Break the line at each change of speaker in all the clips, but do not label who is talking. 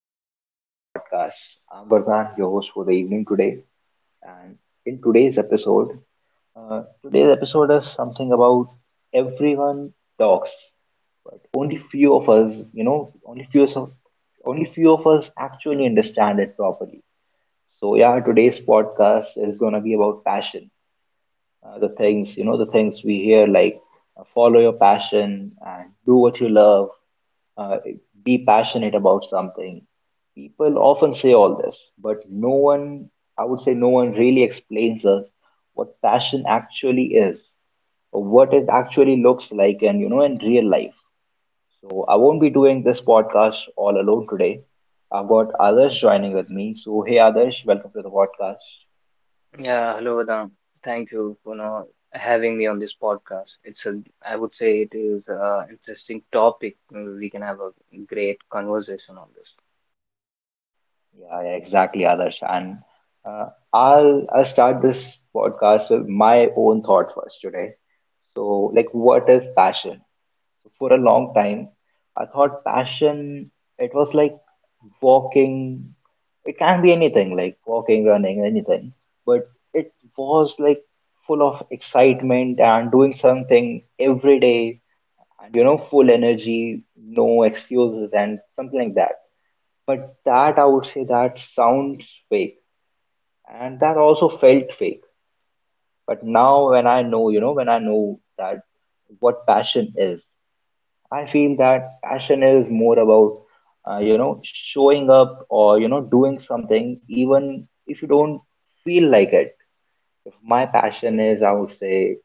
welcome back to the podcast. I'm Vardhan, your host for the evening today. And in today's episode, today's episode is something about everyone talks, but only few of us, you know, only few of us actually understand it properly. So yeah, today's podcast is gonna be about passion. The things, we hear, like, follow your passion and do what you love. uh, be passionate about something. People often say all this, but no one, I would say, no one really explains us what passion actually is, or what it actually looks like, and in real life. So I won't be doing this podcast all alone today. I've got others joining with me, so hey others, welcome to the podcast.
Yeah, hello, Vedant. Thank you for now having me on this podcast. I would say it is a interesting topic. We can have a great conversation on this.
Yeah, yeah, exactly, Adarsh. And uh, I'll start this podcast with my own thought first today. So, like, what is passion? So, for a long time, I thought passion it was like walking. It can be anything, like walking, running, anything. But it was like full of excitement and doing something every day, and full energy, no excuses, and something like that, but that, I would say, that sounds fake, and that also felt fake. But now, when I know, that what passion is, I feel that passion is more about, showing up, or, doing something even if you don't feel like it. If my passion is, I would say,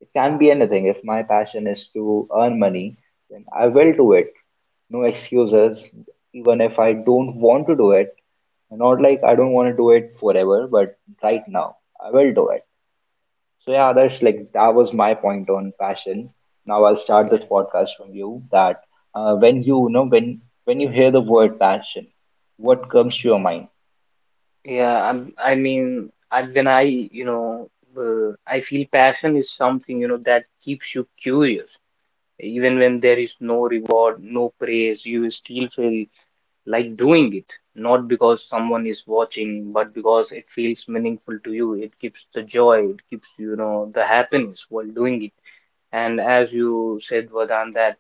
it can be anything. If my passion is to earn money, then I will do it. No excuses, even if I don't want to do it. Not like I don't want to do it forever, but right now, I will do it. So yeah, that was my point on passion. Now I'll start this
Yeah,
podcast from you, that when you know when you hear the word passion, what comes to your mind?
yeah. I mean, you know, I feel passion is something, that keeps you curious, even when there is no reward, no praise. You still feel like doing it, not because someone is watching but because it feels meaningful to you. It gives the joy, it gives the happiness while doing it. And as you said, Vadan, that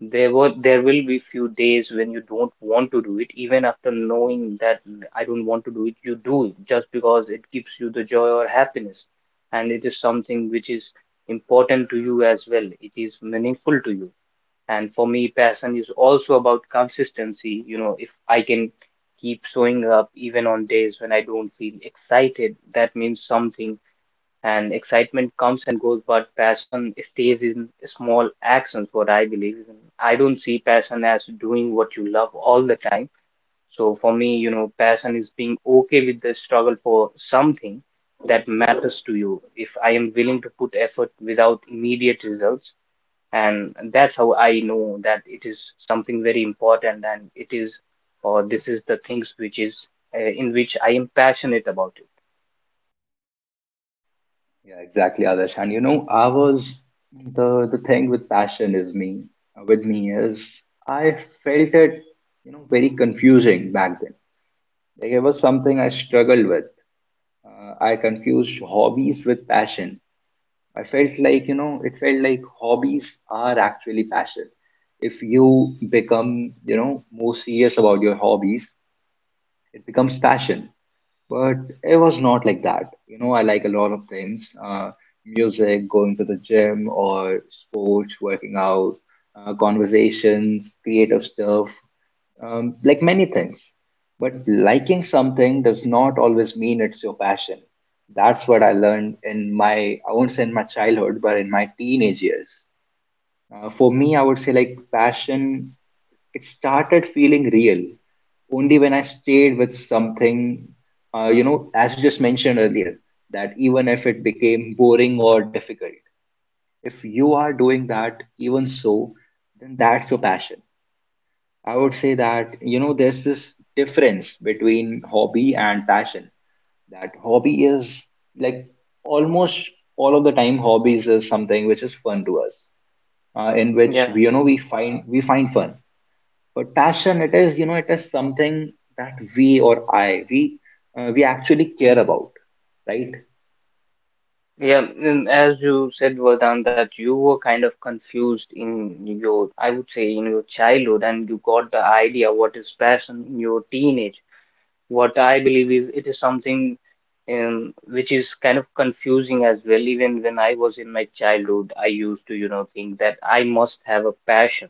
there will be few days when you don't want to do it, even after knowing that I don't want to do it, you do it just because it gives you the joy or happiness. And it is something which is important to you as well, it is meaningful to you. And for me, passion is also about consistency. You know, if I can keep showing up even on days when I don't feel excited, that means something. And excitement comes and goes, but passion stays in small actions, what I believe. I don't see passion as doing what you love all the time. So for me, passion is being okay with the struggle for something that matters to you. If I am willing to put effort without immediate results, and that's how I know that it is something very important, and it is or this is the things which is in which I am passionate about
Yeah, exactly, others. And I was, the thing with passion is me, with me is, I felt it, very confusing back then. Like, it was something I struggled with. I confused hobbies with passion. I felt like, it felt like hobbies are actually passion. If you become, more serious about your hobbies, it becomes passion. But it was not like that. You know, I like a lot of things: music, going to the gym or sports, working out, conversations, creative stuff, like many things. But liking something does not always mean it's your passion. That's what I learned in my, I won't say in my childhood, but in my teenage years. For me, I would say, like passion, it started feeling real only when I stayed with something, as you just mentioned earlier, that even if it became boring or difficult, if you are doing that, even so, then that's your passion. I would say that, there's this difference between hobby and passion, that hobby is, like, almost all of the time, hobbies is something which is fun to us, in
it.
which
Yeah,
we you know we find fun. But passion, it is, something that we or I we actually care about, right?
yeah. And as you said, Vardhan, that you were kind of confused I would say, in your childhood, and you got the idea what is passion in your teenage. What I believe is it is something which is kind of confusing as well. Even when I was in my childhood, I used to, think that I must have a passion.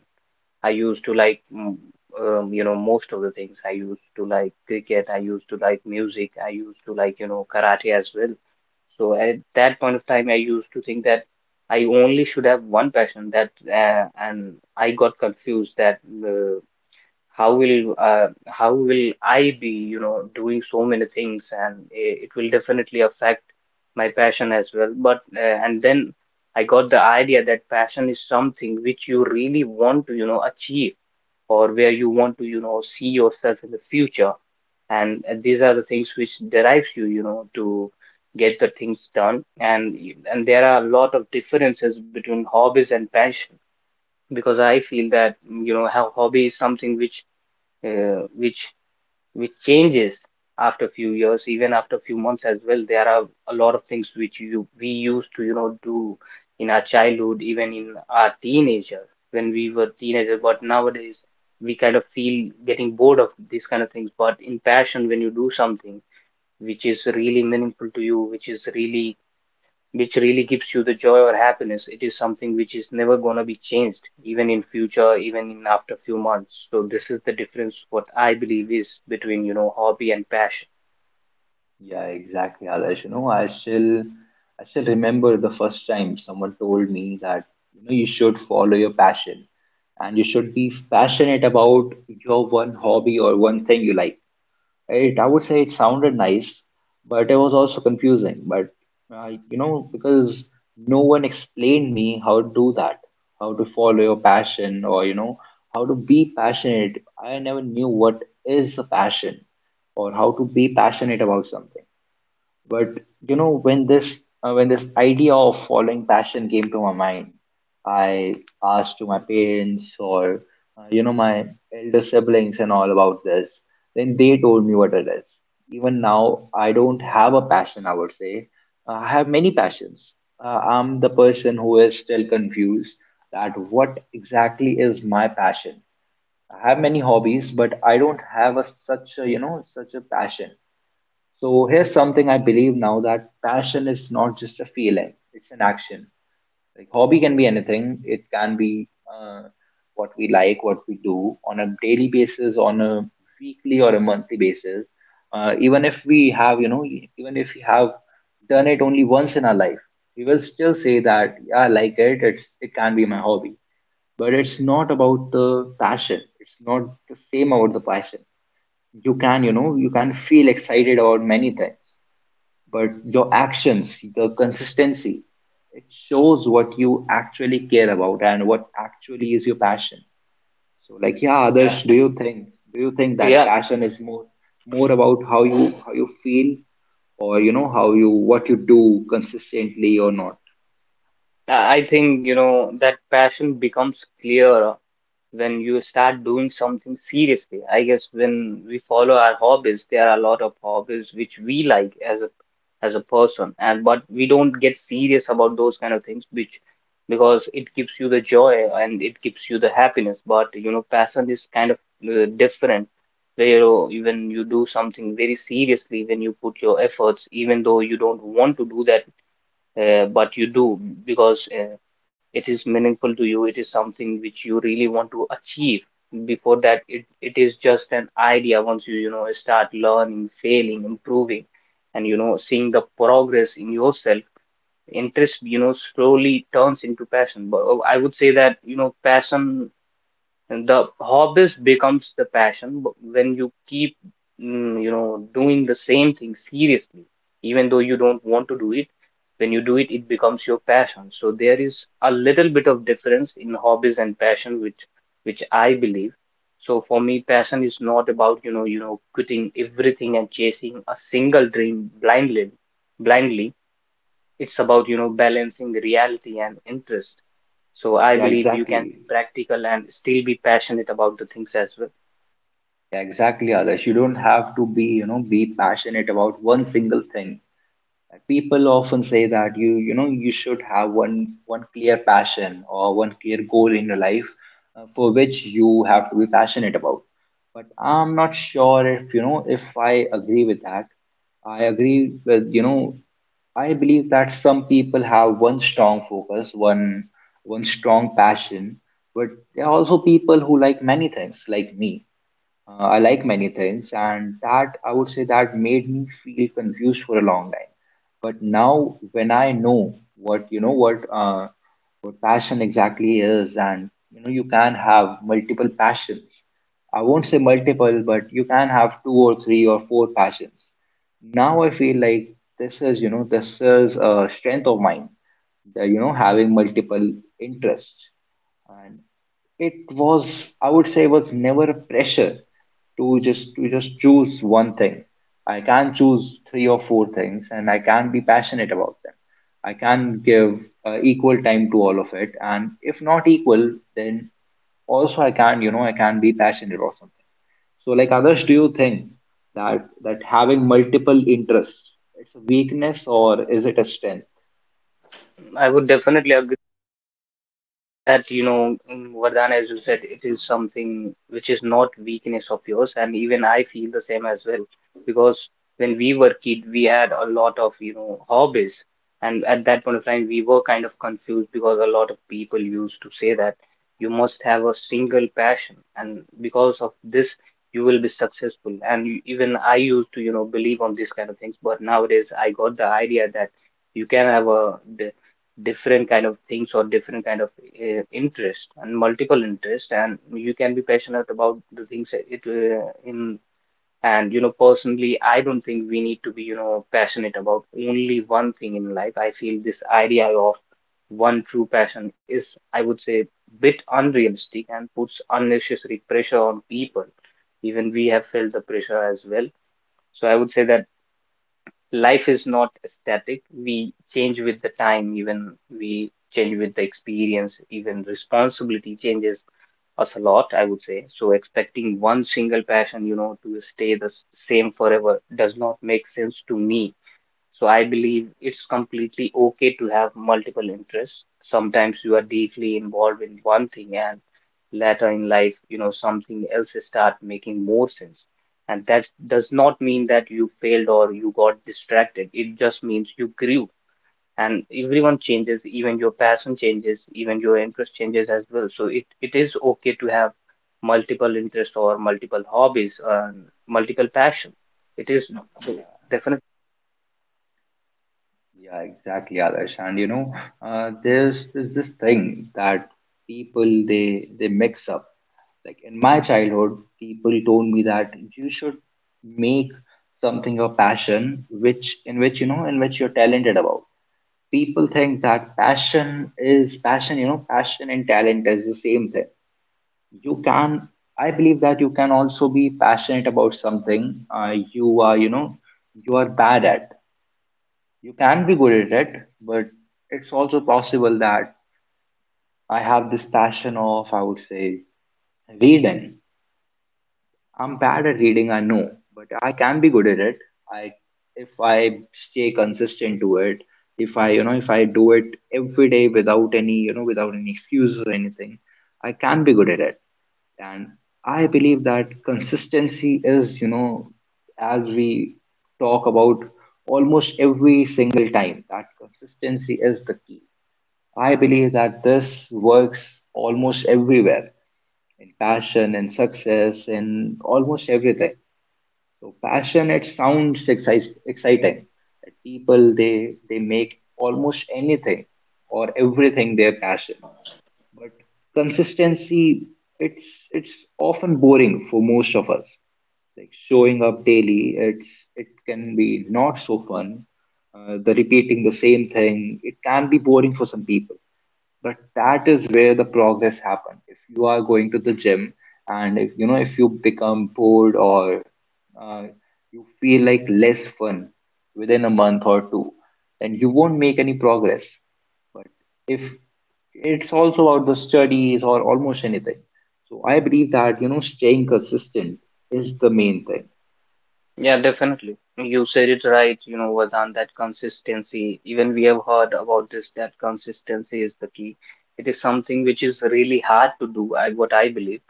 I used to like, most of the things. I used to like cricket. I used to like music. I used to like, karate as well. So at that point of time, I used to think that I only should have one passion, and I got confused that uh, how will I be, doing so many things, and it will definitely affect my passion as well. But and then I got the idea that passion is something which you really want to, achieve, or where you want to see yourself in the future. And these are the things which derives you you know to get the things done, and there are a lot of differences between hobbies and passion. Because I feel that how hobby is something which uh, which which changes after a few years, even after a few months as well. There are a lot of things which you we used to, do in our childhood, even in our teenager when we were teenagers. But nowadays we kind of feel getting bored of these kind of things. But in passion, when you do something which is really meaningful to you, which really gives you the joy or happiness, it is something which is never going to be changed, even in future, even in after few months. So this is the difference what I believe is between hobby and passion.
Yeah, yeah, exactly, Adarsh. You know, I still remember the first time someone told me that you should follow your passion, and you should be passionate about your one hobby or one thing you like. It, I would say, it sounded nice, but it was also confusing. But because no one explained me how to do that, how to follow your passion, or, how to be passionate. I never knew what is the passion, or how to be passionate about something. But when this idea of following passion came to my mind, I asked to my parents, or my elder siblings and all about this. Then they told me what it is. Even now, I don't have a passion. I would say, I have many passions. I'm the person who is still confused that what exactly is my passion. I have many hobbies, but I don't have a such a passion. So here's something I believe now, that passion is not just a feeling, it's an action. Like, hobby can be anything. It can be what we like, what we do on a daily basis, on a weekly or a monthly basis. Even if we have, even if we have done it only once in our life, we will still say that, yeah, I like it. It can be my hobby, but it's not about the passion. It's not the same about the passion. You can feel excited about many things, but your actions, the consistency, it shows what you actually care about and what actually is your passion. So, like, yeah,
Yeah,
Adarsh, do you think that
yeah,
passion is more about how you feel, or you know how you what you do consistently or not?
I think that passion becomes clear when you start doing something seriously. I guess when we follow our hobbies, there are a lot of hobbies which we like as a person, and but we don't get serious about those kind of things, which because it gives you the joy and it gives you the happiness. But passion is kind of different. Where when you do something very seriously, when you put your efforts, even though you don't want to do that, but you do, because it is meaningful to you. It is something which you really want to achieve. Before that, it is just an idea. Once you, start learning, failing, improving, and, seeing the progress in yourself, interest, slowly turns into passion. But I would say that, passion and the hobbies becomes the passion when you keep doing the same thing seriously, even though you don't want to do it. When you do it becomes your passion. So there is a little bit of difference in hobbies and passion, which I believe. So for me, passion is not about quitting everything and chasing a single dream blindly. It's about, balancing reality and interest. So I
Yeah,
believe you can
exactly.
be practical and still be passionate about the things as well.
Yeah, exactly, Adarsh. You don't have to be you know be passionate about one single thing. Like, people often say that you should have one clear passion, or one clear goal in your life, for which you have to be passionate about. But I'm not sure if you know if I agree with that. I agree with, I believe that some people have one strong focus, one strong passion, but there are also people who like many things, like me. I like many things, and that, I would say, that made me feel confused for a long time, but now, when I know what you know what uh, what passion exactly is, and you can have multiple passions. I won't say multiple, but you can have two or three or four passions. Now I feel like this is a strength of mine. The, you know Having multiple interests, and it was, I would say, was never a pressure to just choose one thing. I can't choose three or four things, and I can't be passionate about them. I can't give equal time to all of it, and if not equal, then also I can't be passionate or something. So, like, others, do you think that having multiple interests, it's a weakness or is it a strength?
I would definitely, that, Vardhan, as you said, it is something which is not weakness of yours, and even I feel the same as well. Because when we were kid, we had a lot of hobbies. And at that point of time, we were kind of confused, because a lot of people used to say that you must have a single passion, and because of this you will be successful. And even I used to believe on these kind of things. But nowadays I got the idea that you can have a different kind of things, or different kind of interest and multiple interest, and you can be passionate about the things that it in. And personally, I don't think we need to be passionate about only one thing in life. I feel this idea of one true passion is, I would say, bit unrealistic, and puts unnecessary pressure on people. Even we have felt the pressure as well. So I would say that life is not static. We change with the time, even we change with the experience, even responsibility changes us a lot, I would say. So expecting one single passion, to stay the same forever does not make sense to me. So I believe it's completely okay to have multiple interests. Sometimes you are deeply involved in one thing, and later in life, something else start making more sense. And that does not mean that you failed or you got distracted. It just means you grew, and everyone changes, even your passion changes, even your interest changes as well. So it is okay to have multiple interests or multiple hobbies, multiple passion. It is definitely.
Yeah, exactly, Adarsh. And you know, there's this thing that people, they mix up. Like, in my childhood, people told me that you should make something your passion, which in which you know in which you're talented about. People think that passion is passion. You know, passion and talent is the same thing. You can, I believe that you can also be passionate about something, you are bad at, you can be good at it, but it's also possible that I have this passion of, I would say, reading. I'm bad at reading, I know, but I can be good at it. I, if I stay consistent to it, if I do it every day without any excuse or anything, I can be good at it. And I believe that consistency is, as we talk about almost every single time, that consistency is the key. I believe that this works almost everywhere, in passion and success in almost everything. So passion, it sounds exciting. Like, people, they make almost anything or everything their passion. But consistency, it's it's often boring for most of us. Like, showing up daily, it can be not so fun. The repeating the same thing, it can be boring for some people, but that is where the progress happen. If you are going to the gym, and if you become bored, or uh, you feel like less fun within a month or two, then you won't make any progress. But if it's also about the studies or almost anything, so I believe that staying consistent is the main thing.
Yeah, definitely. You said it right, Vardhan, that consistency, even we have heard about this, that consistency is the key. It is something which is really hard to do, what I believe,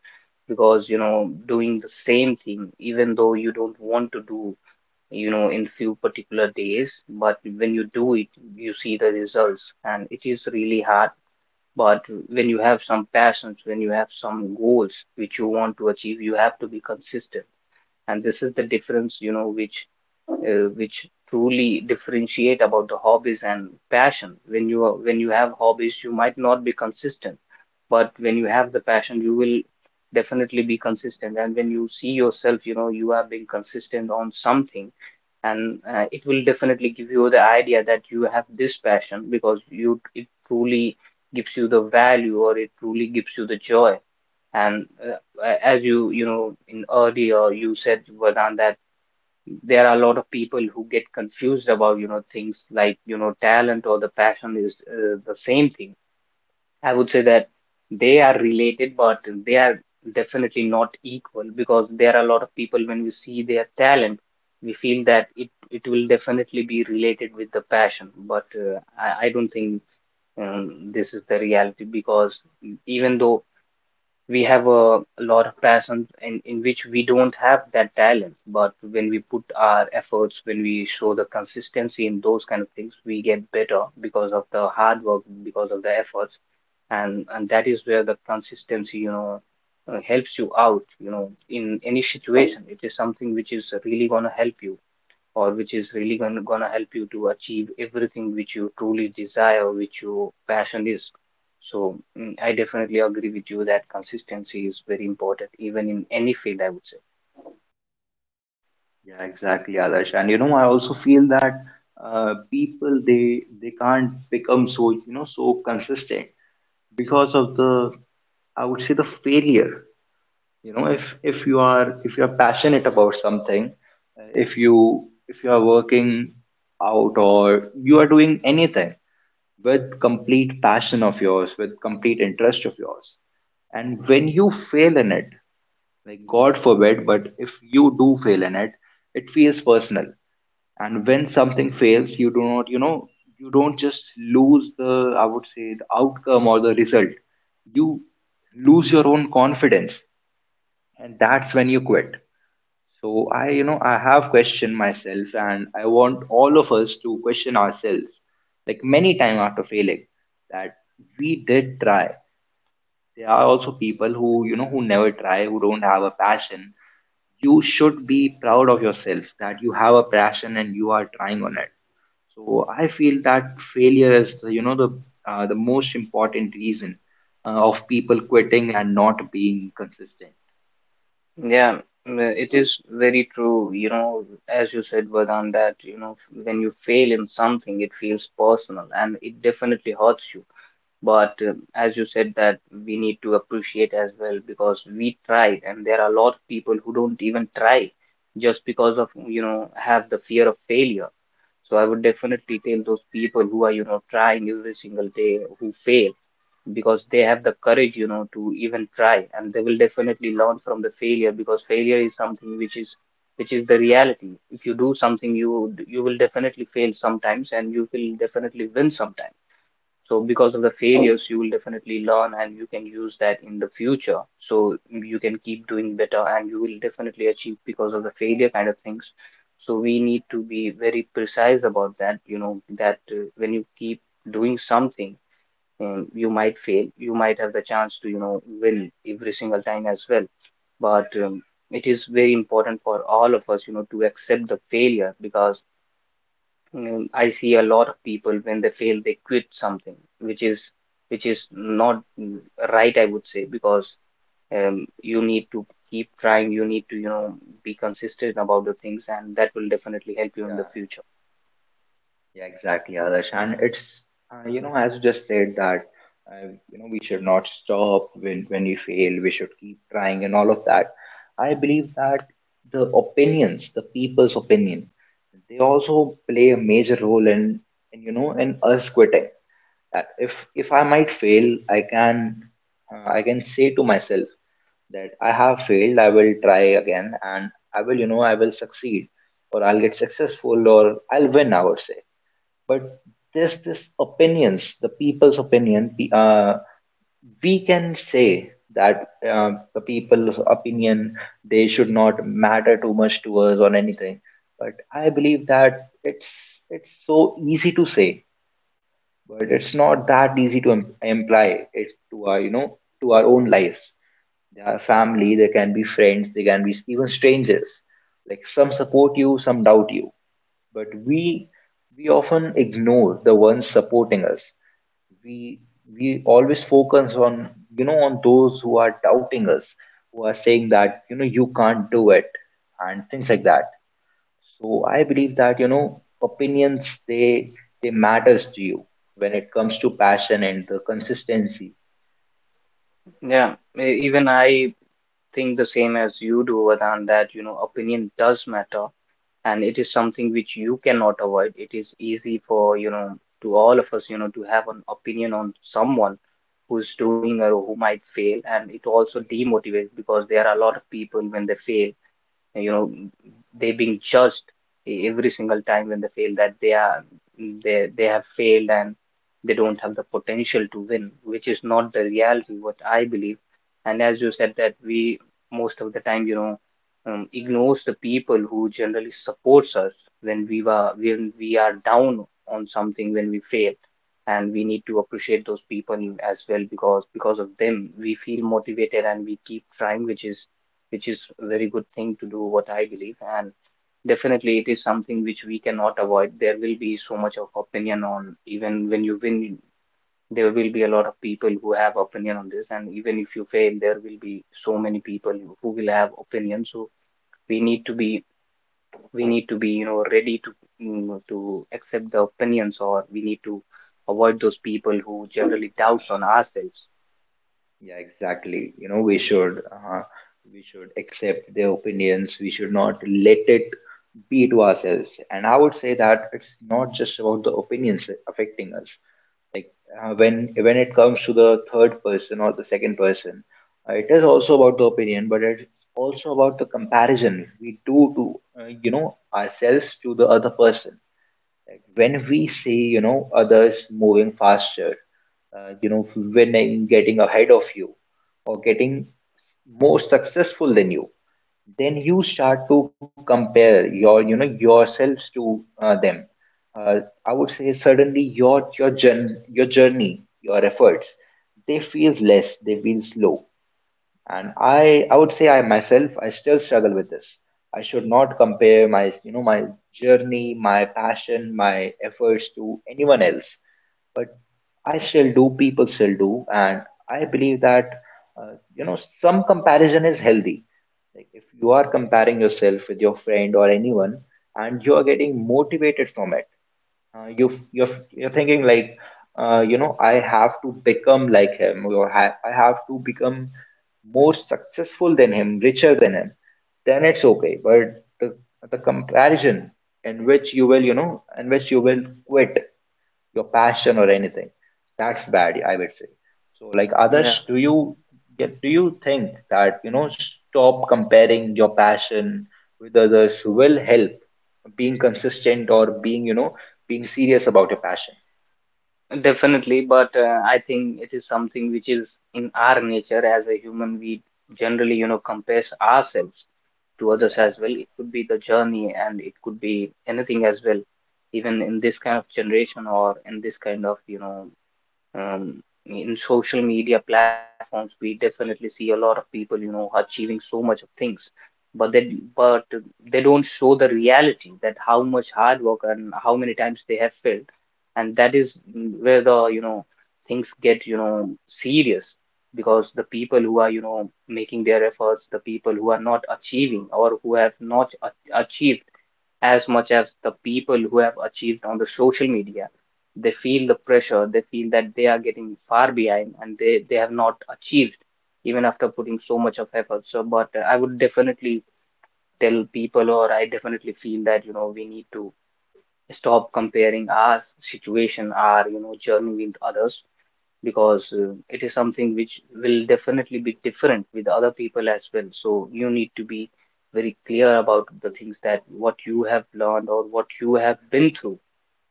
because, doing the same thing, even though you don't want to do, in few particular days, but when you do it, you see the results, and it is really hard. But when you have some passions, when you have some goals which you want to achieve, you have to be consistent. And this is the difference which truly differentiate about the hobbies and passion. When you have hobbies, you might not be consistent, but when you have the passion, you will definitely be consistent. And when you see yourself, you are being consistent on something, and it will definitely give you the idea that you have this passion, because you it truly gives you the value, or it truly gives you the joy. And as you you know in earlier you said, Vedant, that there are a lot of people who get confused about things like talent or the passion is the same thing. I would say that they are related, but they are definitely not equal, because there are a lot of people, when we see their talent, we feel that it will definitely be related with the passion. But I don't think this is the reality, because even though we have a lot of passions in which we don't have that talent, but when we put our efforts, when we show the consistency in those kind of things, we get better because of the hard work, because of the efforts. And that is where the consistency, helps you out, in any situation. It is something which is really going to help you, or which is really gonna help you to achieve everything which you truly desire, which your passion is. So I definitely agree with you that consistency is very important, even in any field, I would say.
Yeah, exactly, Adarsh. And I also feel that people, they can't become so consistent, because of the, I would say, the failure. You know, if you are passionate about something, if you are working out or you are doing anything with complete passion of yours, with complete interest of yours, and when you fail in it, like, God forbid, but if you do fail in it, it feels personal. And when something fails, you do not, you know, you don't just lose the, I would say, the outcome or the result. You lose your own confidence, and that's when you quit. So I, you know, I have questioned myself, and I want all of us to question ourselves, like many time after failing, that we did try. There are also people who, you know, who never try, who don't have a passion. You should be proud of yourself that you have a passion and you are trying on it. So I feel that failure is, the most important reason of people quitting and not being consistent.
Yeah, mm, it is very true. You know, as you said, Vedant, that you know, when you fail in something, it feels personal and it definitely hurts you. But as you said that we need to appreciate as well, because we tried and there are a lot of people who don't even try just because of, you know, have the fear of failure. So I would definitely tell those people who are, you know, trying every single day, who fail, because they have the courage, you know, to even try, and they will definitely learn from the failure, because failure is something which is the reality. If you do something, you will definitely fail sometimes and you will definitely win sometimes. So because of the failures, you will definitely learn and you can use that in the future. So you can keep doing better and you will definitely achieve because of the failure kind of things. So we need to be very precise about that, you know, that when you keep doing something, you might fail, you might have the chance to, you know, win every single time as well. But it is very important for all of us, you know, to accept the failure, because mm, I see a lot of people when they fail, they quit something, which is not right, I would say, because you need to keep trying, you need to, you know, be consistent about the things, and that will definitely help you in
Yeah.
the future.
Yeah, exactly, Adarsh. And it's, you know, as you just said that, you know, we should not stop when we fail, we should keep trying and all of that. I believe that the opinions, the people's opinion, they also play a major role in you know, in us quitting. That if I might fail, I can say to myself that I have failed, I will try again, and I will, you know, I will succeed, or I'll get successful, or I'll win, I would say. But there's this opinions the people's opinion the, we can say that the people's opinion they should not matter too much to us or anything, but I believe that it's so easy to say but it's not that easy to imply it to our, you know, to our own lives. They are family, they can be friends, they can be even strangers. Like, some support you, some doubt you, but we often ignore the ones supporting us. we we always focus on, you know, on those who are doubting us, who are saying that, you know, you can't do it, and things like that. So I believe that, you know, opinions, they matters to you when it comes to passion and the consistency.
Yeah, even I think the same as you do, Vedant, that, you know, opinion does matter, and it is something which you cannot avoid. It is easy for, you know, to all of us, you know, to have an opinion on someone who's doing or who might fail, and it also demotivates, because there are a lot of people when they fail, you know, they being judged every single time when they fail, that they are they have failed, and they don't have the potential to win, which is not the reality, what I believe. And as you said that we, most of the time, you know, ignores the people who generally supports us, when we were when we are down on something, when we fail. And we need to appreciate those people as well, because of them we feel motivated and we keep trying, which is a very good thing to do, what I believe. And definitely, it is something which we cannot avoid. There will be so much of opinion on, even when you win, there will be a lot of people who have opinion on this. And even if you fail, there will be so many people who will have opinion. So we need to be, we need to be, you know, ready to mm, to accept the opinions, or we need to avoid those people who generally
Yeah.
doubts on ourselves.
Yeah, exactly. You know, we should accept their opinions. We should not let it be to ourselves. And I would say that it's not just about the opinions affecting us. When it comes to the third person or the second person, it is also about the opinion, but it's also about the comparison we do to you know ourselves to the other person, like when we see, you know, others moving faster, you know, winning, getting ahead of you, or getting more successful than you, then you start to compare your, you know, yourselves to them. Uh, I would say suddenly your journey, your journey, your efforts, they feel less, they feel slow. And I would say I myself I still struggle with this. I should not compare my, you know, my journey, my passion, my efforts to anyone else, but I still do, people still do. And I believe that, you know, some comparison is healthy, like if you are comparing yourself with your friend or anyone and you are getting motivated from it, you're thinking like, you know, I have to become like him or I have to become more successful than him, richer than him, then it's okay. But the comparison in which you will, you know, in which you will quit your passion or anything. That's bad, I would say. So, like
Yeah.
others, do you get, do you think that, you know, stop comparing your passion with others will help being consistent or being, you know, being serious about your passion?
Definitely, but I think it is something which is in our nature as a human. We generally, you know, compare ourselves to others
Yeah.
as well. It could be the journey and it could be anything as well, even in this kind of generation, or in this kind of, you know, um, in social media platforms, we definitely see a lot of people, you know, achieving so much of things, but they don't show the reality, that how much hard work and how many times they have failed. And that is where the, you know, things get, you know, serious, because the people who are, you know, making their efforts, the people who are not achieving, or who have not achieved as much as the people who have achieved on the social media. They feel the pressure, they feel that they are getting far behind, and they have not achieved even after putting so much of effort. So, but I would definitely tell people, or I definitely feel that, you know, we need to stop comparing our situation, our, you know, journey with others, because it is something which will definitely be different with other people as well. So you need to be very clear about the things, that what you have learned or what you have been through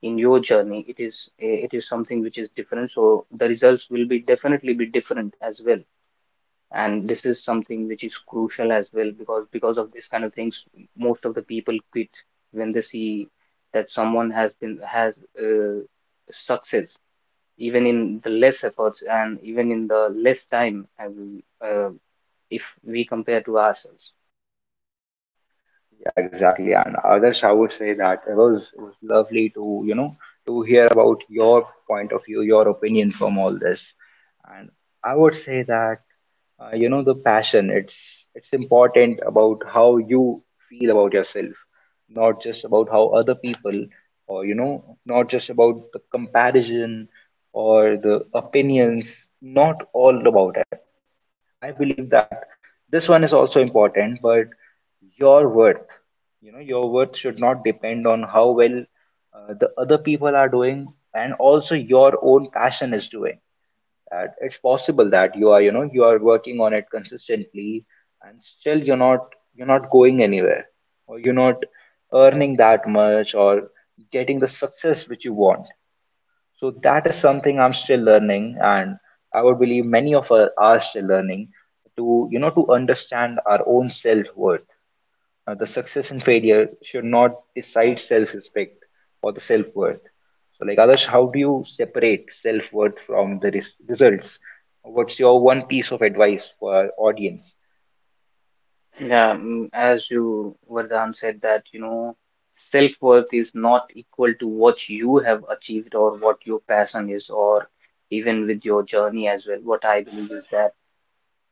in your journey. It is eh, it is something which is different. So the results will be definitely be different as well. And this is something which is crucial as well, because of this kind of things, most of the people quit when they see that someone has been has uh, success, even in the less efforts and even in the less time as we, uh, if we compare to ourselves.
Yeah, exactly. And others, I would say that it was lovely to, you know, to hear about your point of view, your opinion from all this. And I would say that, you know, the passion, it's important about how you feel about yourself, not just about how other people, or, you know, not just about the comparison or the opinions, not all about it. I believe that this one is also important, but your worth, you know, your worth should not depend on how well the other people are doing and also your own passion is doing. That it's possible that you are, you know, you are working on it consistently and still you're not, you're not going anywhere, or you're not earning that much or getting the success which you want. So that is something I'm still learning, and I would believe many of us are still learning to, you know, to understand our own self-worth. The success and failure should not decide self-respect or the self-worth. So, like others, how do you separate self-worth from the results? What's your one piece of advice for our audience?
Yeah, as you, Vardhan, said that, you know, self-worth is not equal to what you have achieved, or what your passion is, or even with your journey as well. What I believe is that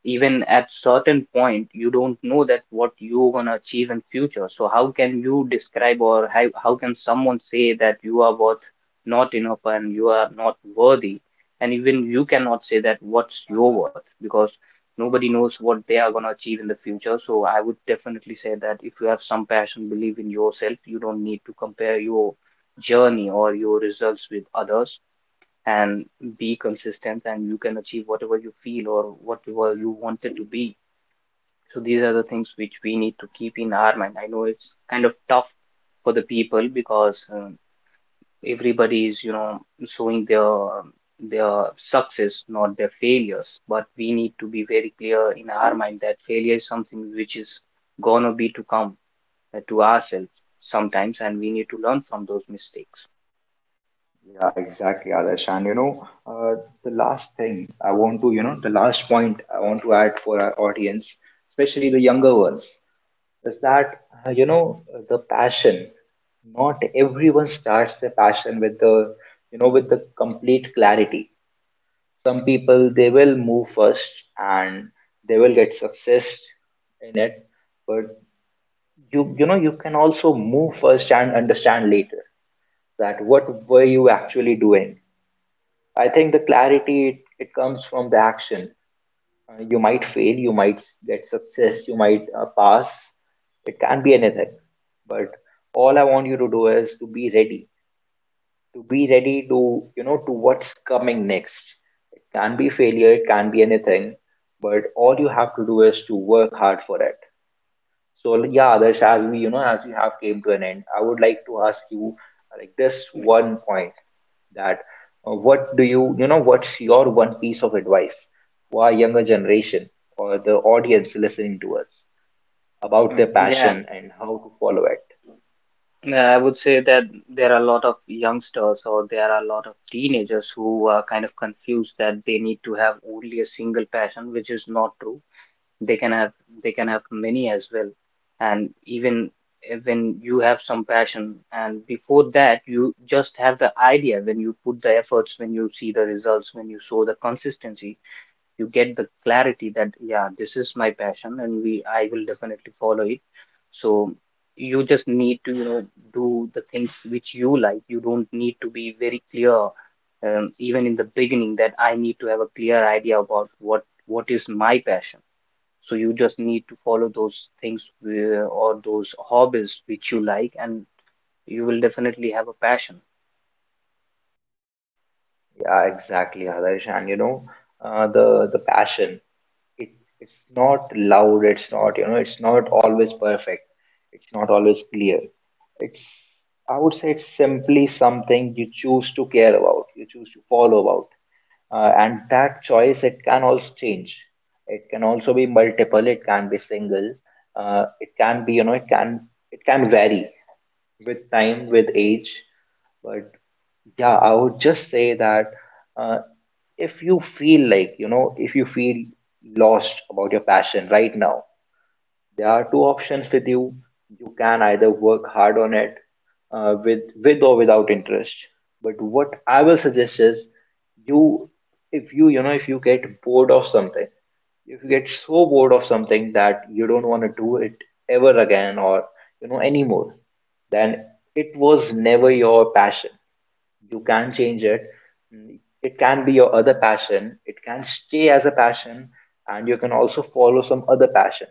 even at certain point you don't know that what you're gonna achieve in future. So how can you describe, or how can someone say that you are worth not enough and you are not worthy? And even you cannot say that what's your worth, because nobody knows what they are gonna achieve in the future. So I would definitely say that, if you have some passion, believe in yourself, you don't need to compare your journey or your results with others, and be consistent, and you can achieve whatever you feel or whatever you wanted to be. So these are the things which we need to keep in our mind. I know it's kind of tough for the people, because everybody is, you know, showing their success, not their failures. But we need to be very clear in our mind that failure is something which is gonna be to come to ourselves sometimes, and we need to learn from those mistakes.
Yeah, exactly, Adarsh. And you know, the last thing I want to, you know, the last point I want to add for our audience, especially the younger ones, is that you know, the passion, not everyone starts their passion with the, you know, with the complete clarity. Some people they will move first and they will get success in it, but you know, you can also move first and understand later that what were you actually doing. I think the clarity it, it comes from the action. You might fail, you might get success, you might pass, it can be anything, but all I want you to do is to be ready, to be ready to, you know, to what's coming next. It can be failure, it can be anything, but all you have to do is to work hard for it. So yeah, Adarsh, as we, you know, as we have came to an end, I would like to ask you like this
Yeah.
one point, that what do you, you know, what's your one piece of advice for our younger generation or the audience listening to us about
Mm,
their
yeah,
passion and how to follow it.
Yeah, I would say that there are a lot of youngsters, or there are a lot of teenagers who are kind of confused, that they need to have only a single passion, which is not true. They can have they can have many as well. And even when you have some passion, and before that you just have the idea, when you put the efforts, when you see the results, when you show the consistency, you get the clarity that, yeah, this is my passion, and we I will definitely follow it. So you just need to, you know, do the things which you like. You don't need to be very clear, even in the beginning, that I need to have a clear idea about what is my passion. So you just need to follow those things or those hobbies which you like, and you will definitely have a passion.
Yeah, exactly, Adarsh. And you know, the passion, it, it's not loud, it's not, you know, it's not always perfect, it's not always clear. It's, I would say it's simply something you choose to care about, you choose to follow about. And that choice, it can also change. It can also be multiple, it can be single, it can be, you know, it can, it can vary with time, with age, but yeah, I would just say that. uh, if you feel like, you know, if you feel lost about your passion right now, there are two options with you. You can either work hard on it, with or without interest, but what I will suggest is, you, if you, you know, if you get bored of something, if you get so bored of something that you don't want to do it ever again, or, you know, anymore, then it was never your passion. You can change it. Mm, it can be your other passion, it can stay as a passion, and you can also follow some other passion.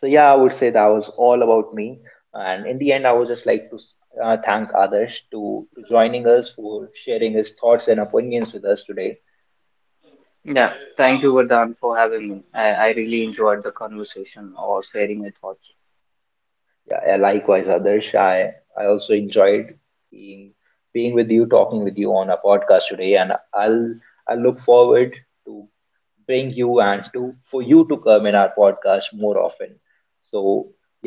So yeah, I would say that was all about me, and in the end I would just like to thank Adarsh to joining us for sharing his thoughts and opinions with us today.
Yeah, thank you, Vardhan, for having me. I really enjoyed the conversation or sharing my thoughts.
Yeah, yeah, likewise Adarsh, I also enjoyed being, being with you, talking with you on a podcast today, and I'll, I look forward to bring you and to for you to come in our podcast more often. So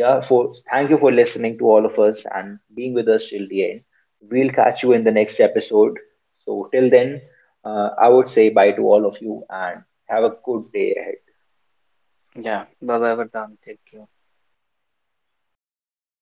yeah, for thank you for listening to all of us and being with us till the end. We'll catch you in the next episode. So till then, I would say bye to all of you and have a good day ahead.
Yeah, Baba Vardhan, take care.